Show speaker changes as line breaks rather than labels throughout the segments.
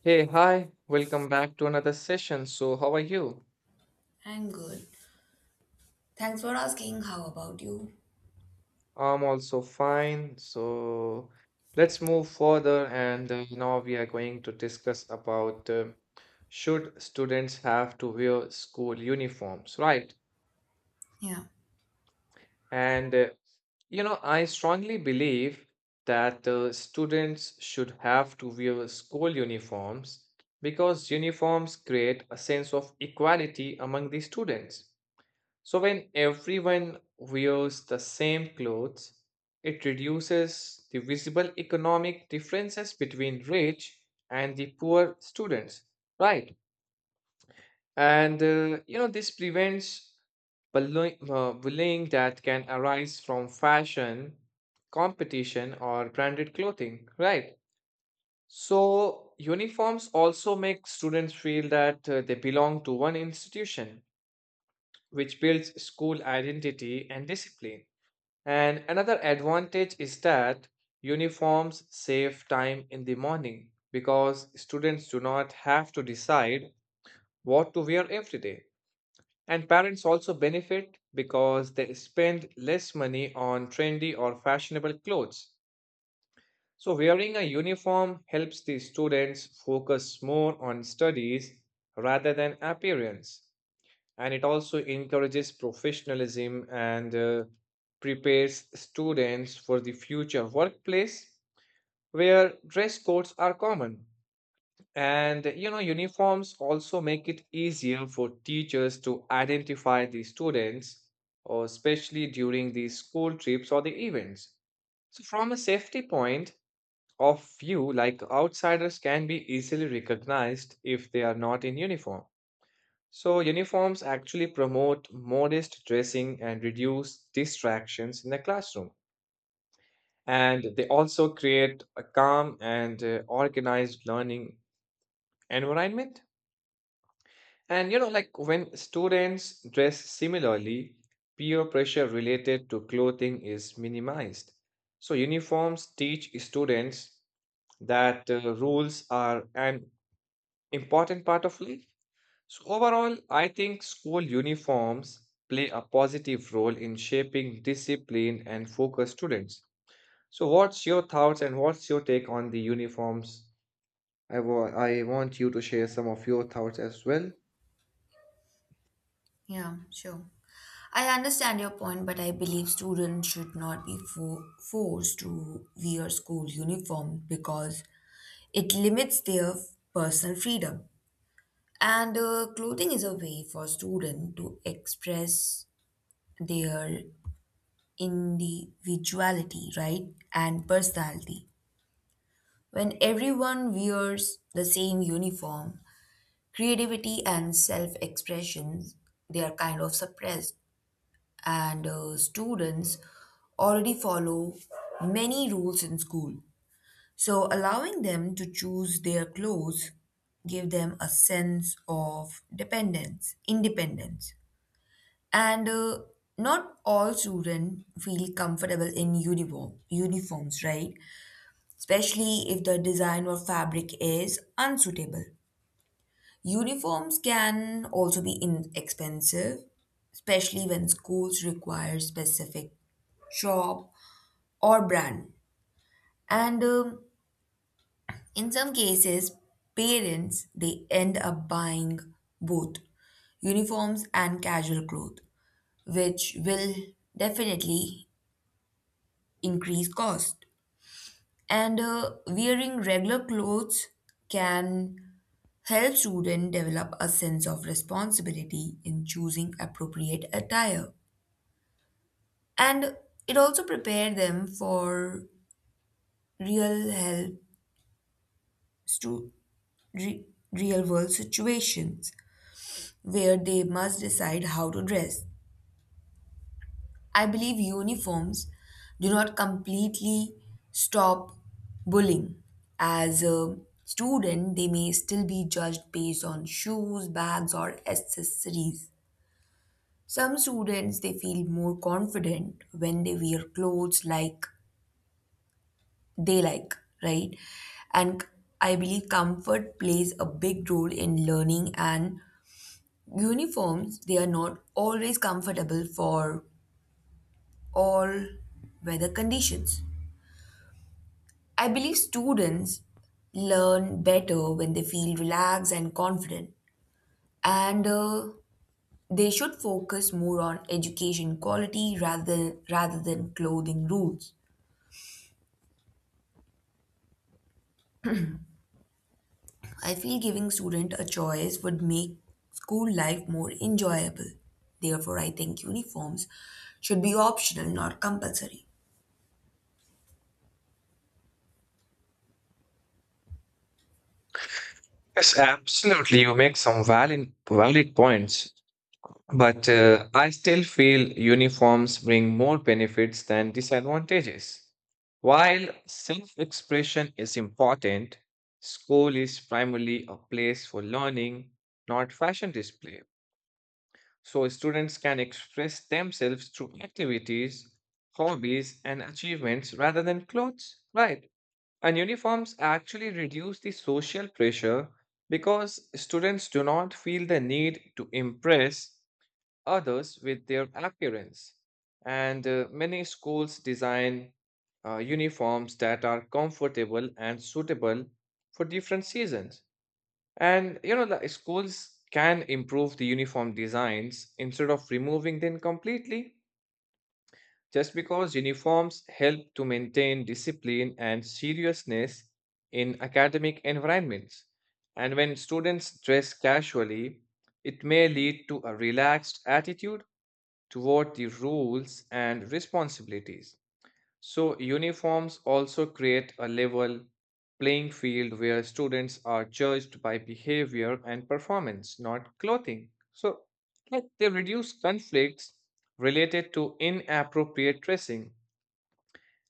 Hey, hi, welcome back to another session. So, how are you?
I'm good. Thanks for asking. How about you?
I'm also fine. So, let's move further, and now we are going to discuss about should students have to wear school uniforms, right?
Yeah,
And uh, I strongly believe that students should have to wear school uniforms because uniforms create a sense of equality among the students. So, when everyone wears the same clothes, it reduces the visible economic differences between rich and the poor students, right? And this prevents bullying that can arise from fashion, competition, or branded clothing, right? So, uniforms also make students feel that they belong to one institution, which builds school identity and discipline. And another advantage is that uniforms save time in the morning because students do not have to decide what to wear every day. And parents also benefit because they spend less money on trendy or fashionable clothes. So, wearing a uniform helps the students focus more on studies rather than appearance, and it also encourages professionalism and prepares students for the future workplace where dress codes are common. And you know, uniforms also make it easier for teachers to identify the students, or especially during the school trips or the events. So, from a safety point of view, like, outsiders can be easily recognized if they are not in uniform. So, uniforms actually promote modest dressing and reduce distractions in the classroom. And they also create a calm and organized learning environment. And you know, like, when students dress similarly, peer pressure related to clothing is minimized. So, uniforms teach students that rules are an important part of life. So overall, I think school uniforms play a positive role in shaping discipline and focus students. So what's your thoughts and what's your take on the uniforms? I want you to share some of your thoughts as well.
yeah, Sure. I understand your point, but I believe students should not be forced to wear school uniform because it limits their personal freedom. And clothing is a way for students to express their individuality, right? And personality. When everyone wears the same uniform, creativity and self expression they are kind of suppressed, and students already follow many rules in school, so allowing them to choose their clothes give them a sense of dependence independence. And not all students feel comfortable in uniforms, right, especially if the design or fabric is unsuitable. Uniforms can also be inexpensive, especially when schools require specific shop or brand. And in some cases, parents they end up buying both uniforms and casual clothes, which will definitely increase cost. And wearing regular clothes can help students develop a sense of responsibility in choosing appropriate attire. And it also prepared them for real help to re- real world situations where they must decide how to dress. I believe uniforms do not completely stop bullying. As a student, they may still be judged based on shoes, bags, or accessories. Some students they feel more confident when they wear clothes like they like, right? And I believe comfort plays a big role in learning, and uniforms, they are not always comfortable for all weather conditions. I believe students learn better when they feel relaxed and confident, and they should focus more on education quality rather than clothing rules. I feel giving students a choice would make school life more enjoyable. Therefore, I think uniforms should be optional, not compulsory.
Yes, absolutely. You make some valid points. But I still feel uniforms bring more benefits than disadvantages. While self expression is important, school is primarily a place for learning, not fashion display. So students can express themselves through activities, hobbies, and achievements rather than clothes, right? And uniforms actually reduce the social pressure because students do not feel the need to impress others with their appearance. And many schools design uniforms that are comfortable and suitable for different seasons. And you know, the schools can improve the uniform designs instead of removing them completely, just because uniforms help to maintain discipline and seriousness in academic environments. And when students dress casually, it may lead to a relaxed attitude toward the roles and responsibilities. So, uniforms also create a level playing field where students are judged by behavior and performance, not clothing. So, like, they reduce conflicts related to inappropriate dressing,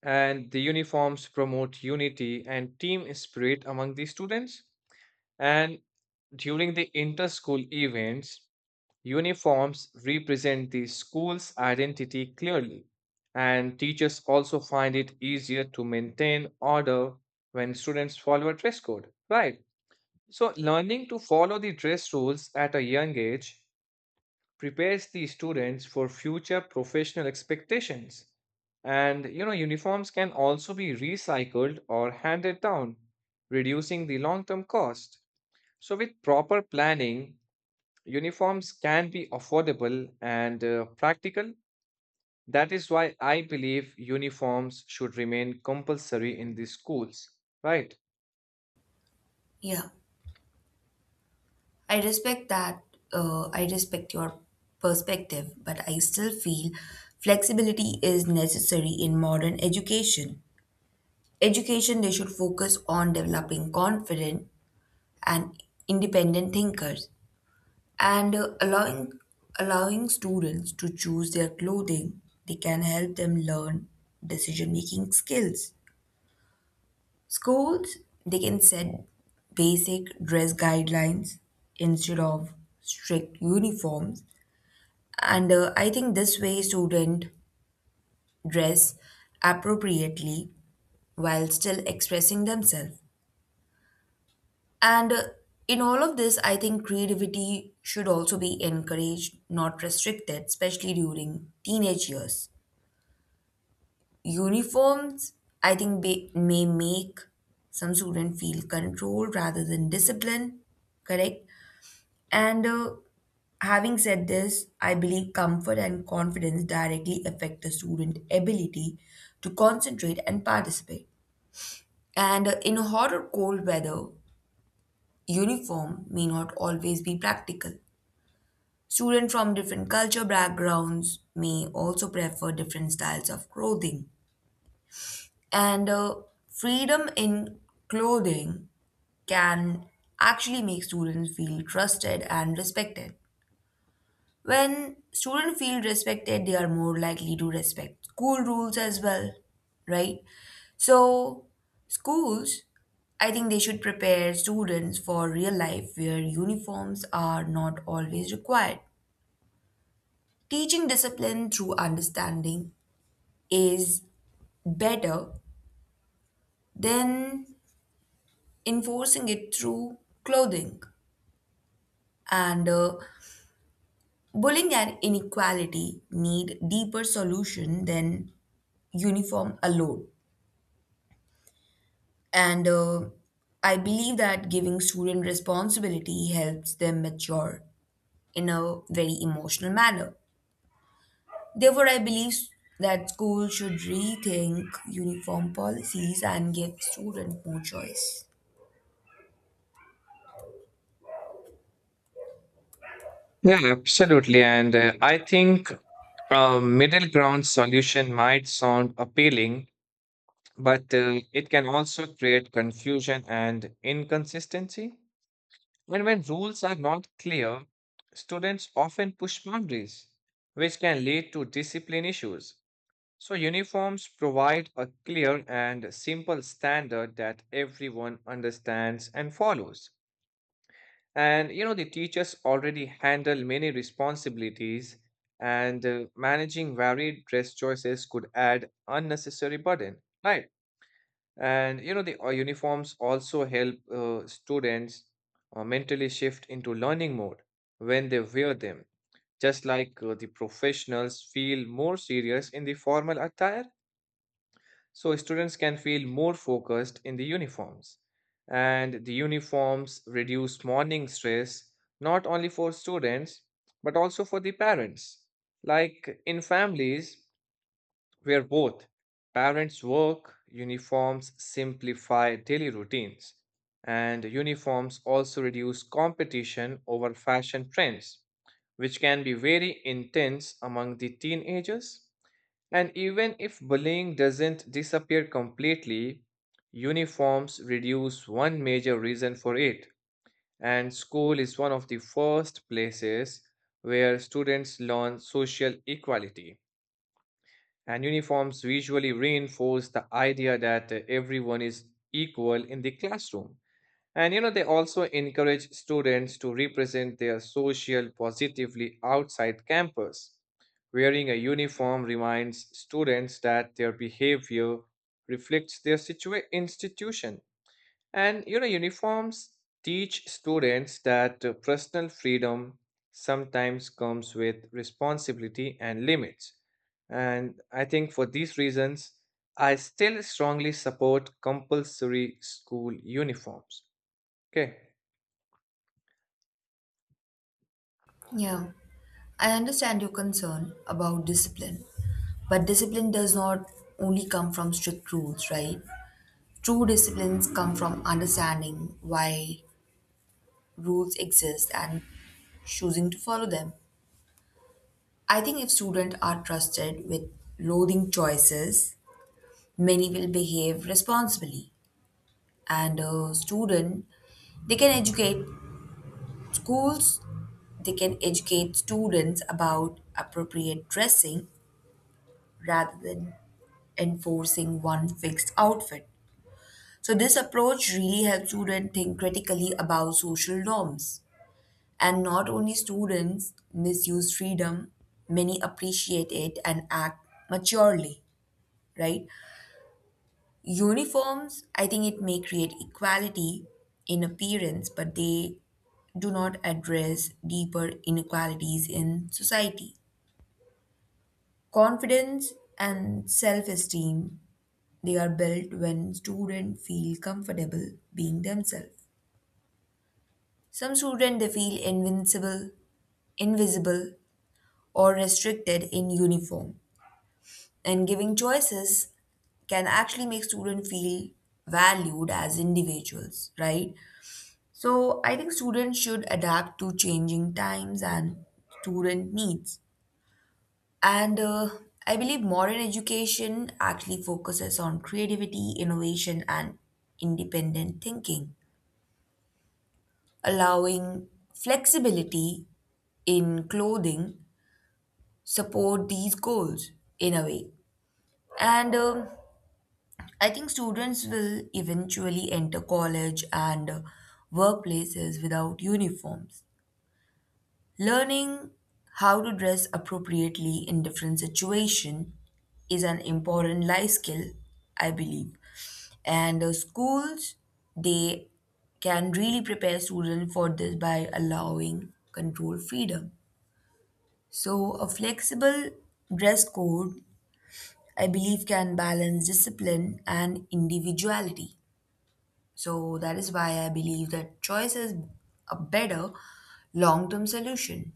and the uniforms promote unity and team spirit among the students. And during the inter school events, uniforms represent the school's identity clearly, and teachers also find it easier to maintain order when students follow a dress code, right? So, learning to follow the dress rules at a young age prepares the students for future professional expectations. And you know, uniforms can also be recycled or handed down, reducing the long term cost. So, with proper planning, uniforms can be affordable and practical. That is why I believe uniforms should remain compulsory in the schools, right?
Yeah, I respect that. I respect your perspective, but I still feel flexibility is necessary in modern education. Education, they should focus on developing confident and independent thinkers, and allowing students to choose their clothing they can help them learn decision making skills. Schools they can set basic dress guidelines instead of strict uniforms, and I think this way students dress appropriately while still expressing themselves. And in all of this, I think creativity should also be encouraged, not restricted, especially during teenage years. Uniforms, I think, may make some student feel controlled rather than discipline, correct? And having said this, I believe comfort and confidence directly affect the student ability to concentrate and participate. And in hot or cold weather, uniform may not always be practical. Students from different culture backgrounds may also prefer different styles of clothing. And freedom in clothing can actually make students feel trusted and respected. When students feel respected, they are more likely to respect school rules as well, right? So, schools, I think they should prepare students for real life where uniforms are not always required. Teaching discipline through understanding is better than enforcing it through clothing. And bullying and inequality need deeper solution than uniform alone. And I believe that giving student responsibility helps them mature in a very emotional manner. Therefore, I believe that schools should rethink uniform policies and give students more choice.
Yeah, absolutely. And I think a middle ground solution might sound appealing, but it can also create confusion and inconsistency. And when rules are not clear, students often push boundaries, which can lead to discipline issues. So, uniforms provide a clear and simple standard that everyone understands and follows. And you know, the teachers already handle many responsibilities, and managing varied dress choices could add unnecessary burden, right? And you know, the uniforms also help students mentally shift into learning mode when they wear them, just like the professionals feel more serious in the formal attire, so students can feel more focused in the uniforms. And the uniforms reduce morning stress not only for students but also for the parents. Like, in families where both parents work, uniforms simplify daily routines. And uniforms also reduce competition over fashion trends, which can be very intense among the teenagers. And even if bullying doesn't disappear completely, uniforms reduce one major reason for it, and school is one of the first places where students learn social equality. And uniforms visually reinforce the idea that everyone is equal in the classroom. And you know, they also encourage students to represent their social positively outside campus. Wearing a uniform reminds students that their behavior reflects their institution. And you know, uniforms teach students that personal freedom sometimes comes with responsibility and limits. And I think for these reasons, I still strongly support compulsory school uniforms. Okay.
Yeah, I understand your concern about discipline, but discipline does not only come from strict rules, right? True disciplines come from understanding why rules exist and choosing to follow them. I think if students are trusted with loathing choices, many will behave responsibly. And a student, they can educate schools, they can educate students about appropriate dressing rather than enforcing one fixed outfit. So, this approach really helps students think critically about social norms. And not only students misuse freedom, many appreciate it and act maturely, right? Uniforms, I think it may create equality in appearance, but they do not address deeper inequalities in society. Confidence and self esteem, they are built when students feel comfortable being themselves. Some students they feel invisible, or restricted in uniform. And giving choices can actually make students feel valued as individuals, right? So I think students should adapt to changing times and student needs. And I believe modern education actually focuses on creativity, innovation, and independent thinking. Allowing flexibility in clothing support these goals in a way. And I think students will eventually enter college and workplaces without uniforms. Learning how to dress appropriately in different situation is an important life skill, I believe. And schools they can really prepare students for this by allowing control freedom. So, a flexible dress code, I believe, can balance discipline and individuality. So, that is why I believe that choice is a better long term solution.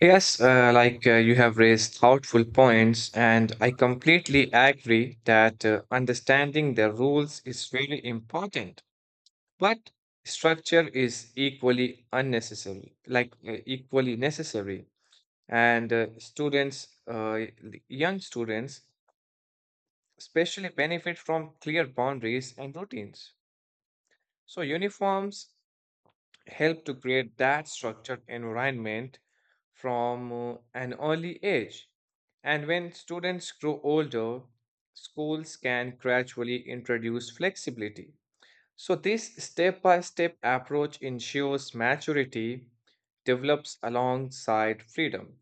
Yes, like you have raised thoughtful points, and I completely agree that understanding the rules is really important, but structure is equally unnecessary, like equally necessary. And young students especially benefit from clear boundaries and routines. So, uniforms help to create that structured environment from an early age. And when students grow older, schools can gradually introduce flexibility. So, this step by step approach ensures maturity develops alongside freedom.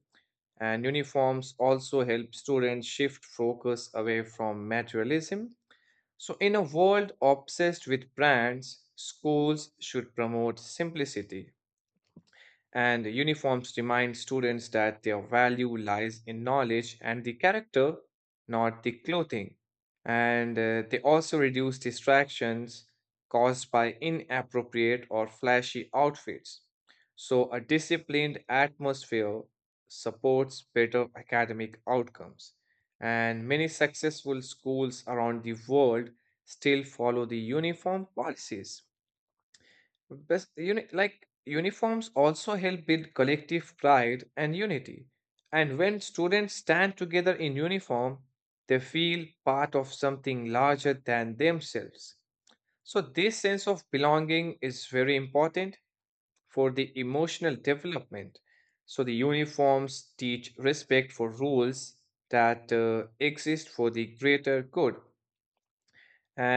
And uniforms also help students shift focus away from materialism. So, in a world obsessed with brands, schools should promote simplicity, and uniforms remind students that their value lies in knowledge and the character, not the clothing. And they also reduce distractions caused by inappropriate or flashy outfits. So, a disciplined atmosphere supports better academic outcomes. And many successful schools around the world still follow the uniform policies. Like uniforms also help build collective pride and unity. And when students stand together in uniform, they feel part of something larger than themselves. So, this sense of belonging is very important for the emotional development. So, the uniforms teach respect for rules that exist for the greater good,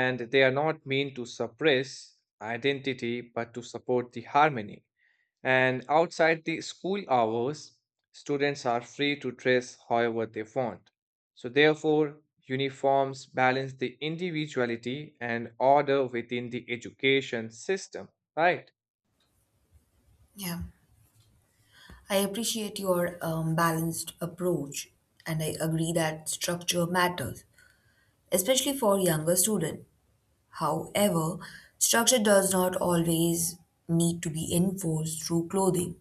and they are not meant to suppress identity but to support the harmony. And outside the school hours, students are free to dress however they want. So, therefore, uniforms balance the individuality and order within the education system, right?
Yeah. I appreciate your balanced approach, and I agree that structure matters, especially for younger students. However, structure does not always need to be enforced through clothing.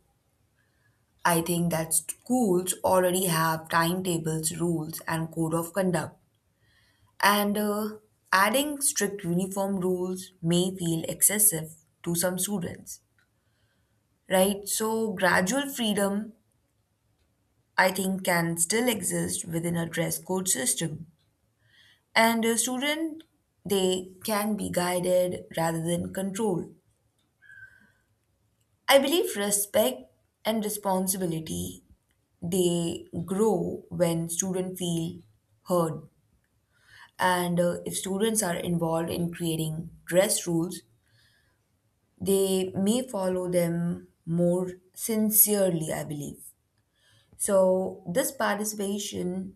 I think that schools already have timetables, rules, and code of conduct. And adding strict uniform rules may feel excessive to some students, right? So, gradual freedom, I think, can still exist within a dress code system. And a student, they can be guided rather than controlled. I believe respect and responsibility, they grow when students feel heard. And if students are involved in creating dress rules, they may follow them more sincerely, I believe. So, this participation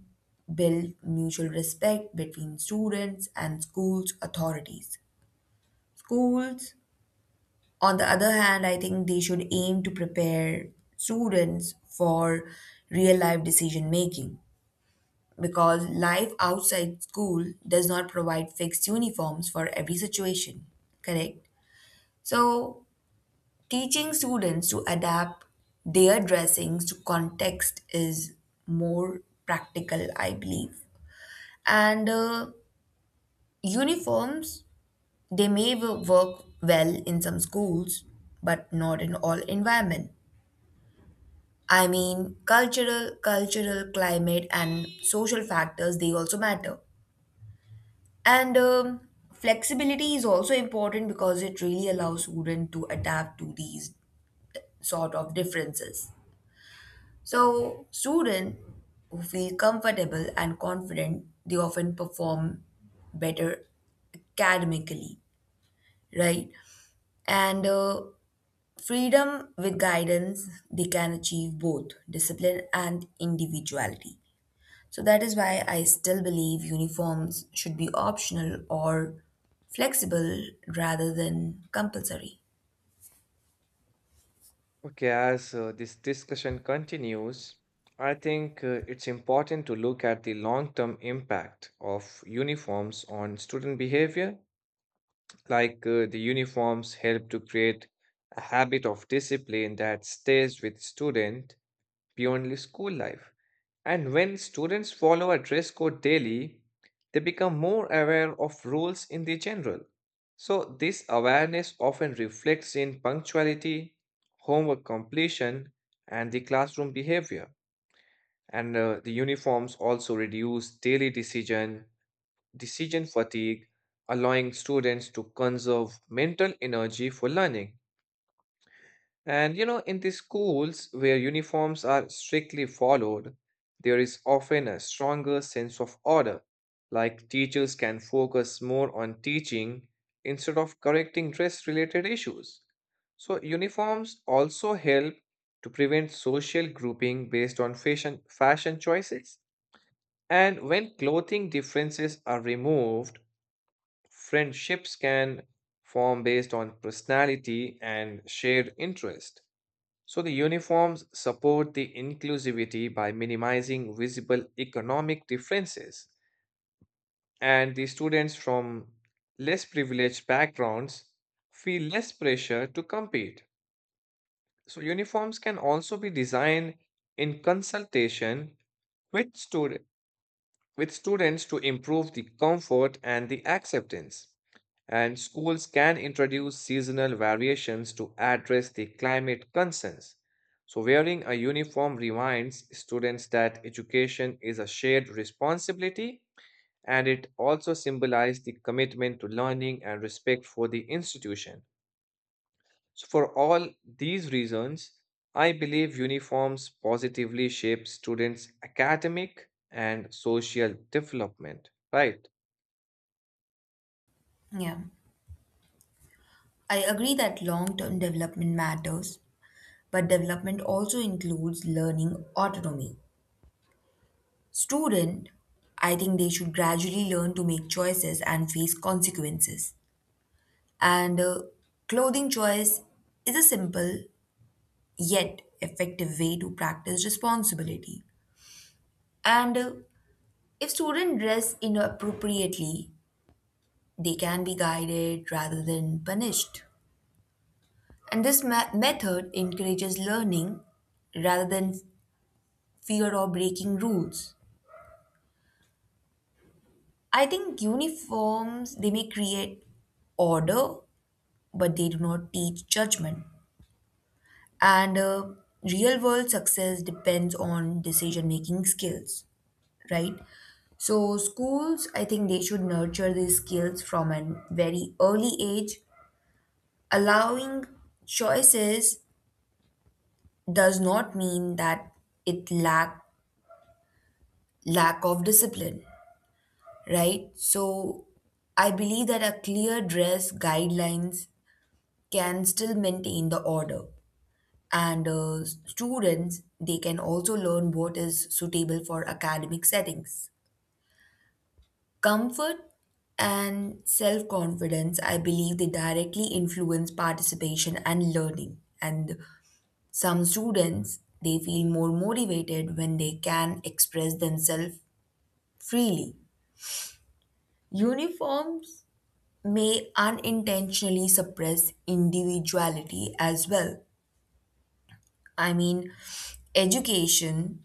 build mutual respect between students and schools authorities. Schools, on the other hand, I think they should aim to prepare students for real life decision making, because life outside school does not provide fixed uniforms for every situation, correct? So, teaching students to adapt their dressings to context is more practical, I believe. And uniforms, they may work well in some schools, but not in all environment. I mean, cultural, climate, and social factors, they also matter. And flexibility is also important because it really allows students to adapt to these sort of differences. So, students who feel comfortable and confident, they often perform better academically, right? And freedom with guidance, they can achieve both discipline and individuality. So that is why I still believe uniforms should be optional or flexible rather than compulsory.
Okay, as this discussion continues, I think it's important to look at the long term impact of uniforms on student behavior. Like the uniforms help to create a habit of discipline that stays with student beyond school life. And when students follow a dress code daily, they become more aware of rules in the general. So, this awareness often reflects in punctuality, homework completion, and the classroom behavior. And the uniforms also reduce decision fatigue, allowing students to conserve mental energy for learning. And you know, in the schools where uniforms are strictly followed, there is often a stronger sense of order, like teachers can focus more on teaching instead of correcting dress-related issues. So, uniforms also help to prevent social grouping based on fashion choices. And when clothing differences are removed, friendships can form based on personality and shared interest. So the uniforms support the inclusivity by minimizing visible economic differences, and the students from less privileged backgrounds feel less pressure to compete. So uniforms can also be designed in consultation with student with students to improve the comfort and the acceptance, and schools can introduce seasonal variations to address the climate concerns. So, wearing a uniform reminds students that education is a shared responsibility, and it also symbolizes the commitment to learning and respect for the institution. So, for all these reasons, I believe uniforms positively shape students' academic and social development, right?
Yeah. I agree that long term development matters, but development also includes learning autonomy. Student, I think they should gradually learn to make choices and face consequences. And clothing choice is a simple yet effective way to practice responsibility. And if students dress inappropriately, they can be guided rather than punished. And this method encourages learning rather than fear or breaking rules. I think uniforms they may create order, but they do not teach judgment. And real world success depends on decision making skills, right? So schools, I think they should nurture these skills from an very early age. Allowing choices does not mean that it lack of discipline, right? So I believe that a clear dress guidelines can still maintain the order, and students they can also learn what is suitable for academic settings. Comfort and self confidence, I believe they directly influence participation and learning. And some students they feel more motivated when they can express themselves freely. Uniforms may unintentionally suppress individuality as well. I mean, education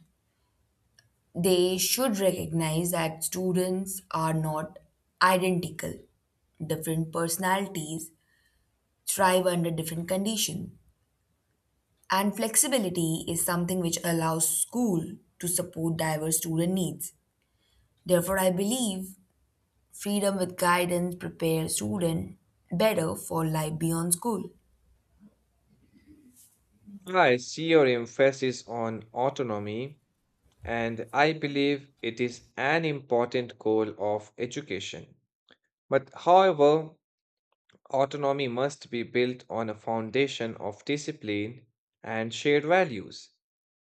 they should recognize that students are not identical. Different personalities thrive under different conditions. And flexibility is something which allows school to support diverse student needs. Therefore, I believe freedom with guidance prepares students better for life beyond school.
I see your emphasis on autonomy, and I believe it is an important goal of education. But however, autonomy must be built on a foundation of discipline and shared values.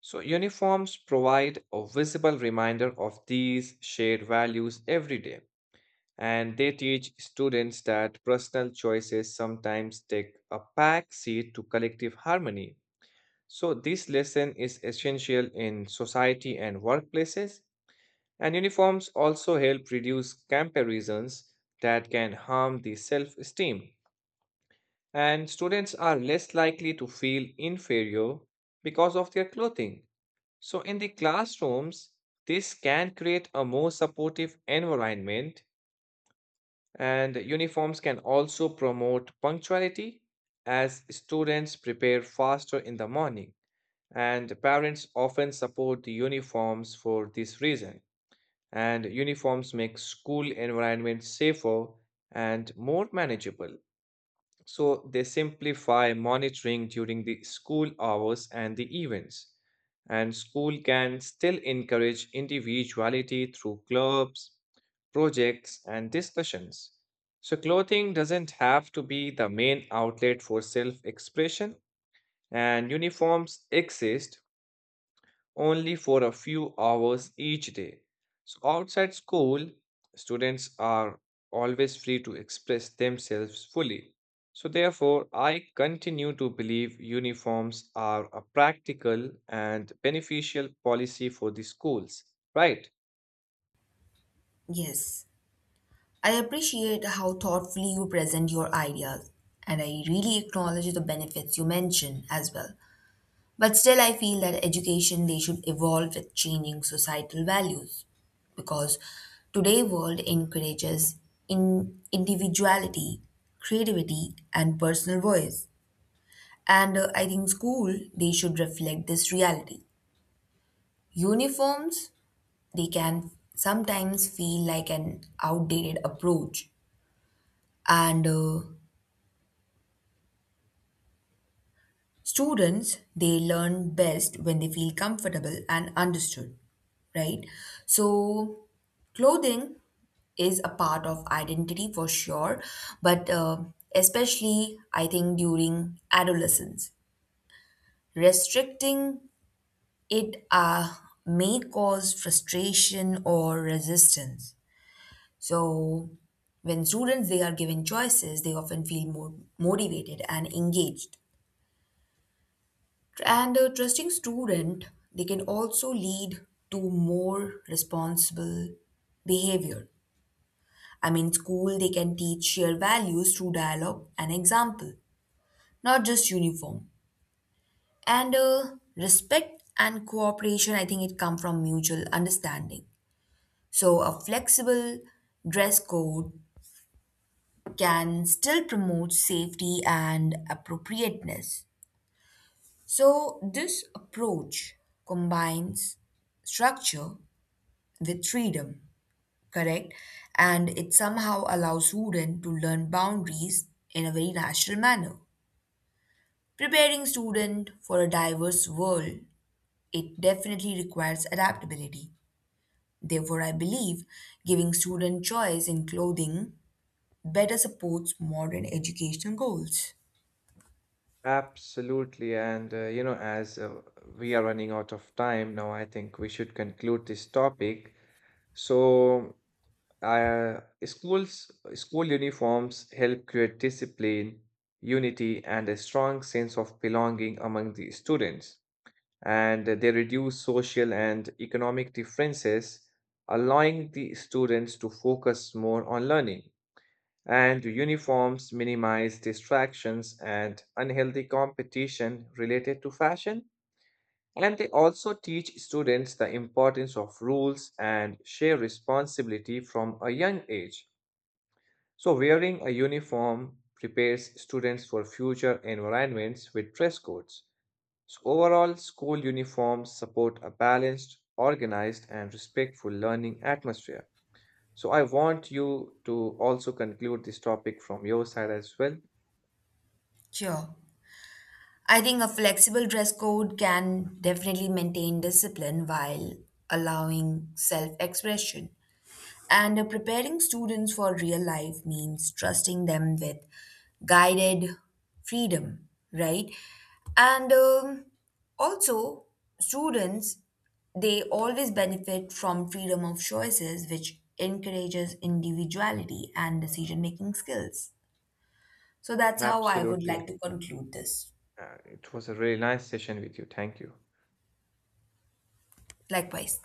So, uniforms provide a visible reminder of these shared values every day, and they teach students that personal choices sometimes take a back seat to collective harmony. So, this lesson is essential in society and workplaces, and uniforms also help reduce comparisons that can harm the self esteem. And students are less likely to feel inferior because of their clothing. So, in the classrooms, this can create a more supportive environment, and uniforms can also promote punctuality as students prepare faster in the morning. And parents often support the uniforms for this reason. And uniforms make school environments safer and more manageable. So they simplify monitoring during the school hours and the events. And school can still encourage individuality through clubs, projects, and discussions. So clothing doesn't have to be the main outlet for self expression, and uniforms exist only for a few hours each day. So, outside school, students are always free to express themselves fully. So, therefore, I continue to believe uniforms are a practical and beneficial policy for the schools, right?
Yes, I appreciate how thoughtfully you present your ideas, and I really acknowledge the benefits you mention as well. But still, I feel that education they should evolve with changing societal values, because today world encourages in individuality, creativity, and personal voice. And I think school they should reflect this reality. Uniforms, they can sometimes feel like an outdated approach. And students, they learn best when they feel comfortable and understood, right? So, clothing is a part of identity for sure, but especially I think during adolescence, restricting it may cause frustration or resistance. So when students they are given choices, they often feel more motivated and engaged. And a trusting student, they can also lead to more responsible behavior. I mean, school they can teach shared values through dialogue and example, not just uniform. And respect and cooperation, I think it come from mutual understanding. So a flexible dress code can still promote safety and appropriateness. So, this approach combines structure with freedom, correct? And it somehow allows students to learn boundaries in a very natural manner. Preparing students for a diverse world, it definitely requires adaptability. Therefore, I believe giving student choice in clothing better supports modern educational goals.
Absolutely. And, you know, as we are running out of time now, I think we should conclude this topic. So, school uniforms help create discipline, unity, and a strong sense of belonging among the students. And they reduce social and economic differences, allowing the students to focus more on learning. And uniforms minimize distractions and unhealthy competition related to fashion. And they also teach students the importance of rules and share responsibility from a young age. So, wearing a uniform prepares students for future environments with dress codes. So, overall, school uniforms support a balanced, organized, and respectful learning atmosphere. So, I want you to also conclude this topic from your side as well.
Sure. I think a flexible dress code can definitely maintain discipline while allowing self expression. And preparing students for real life means trusting them with guided freedom, right? And also, students they always benefit from freedom of choices, which encourages individuality and decision making skills. So that's how I would like
Absolutely.
to conclude this.
It was a really nice session with you. Thank you.
Likewise.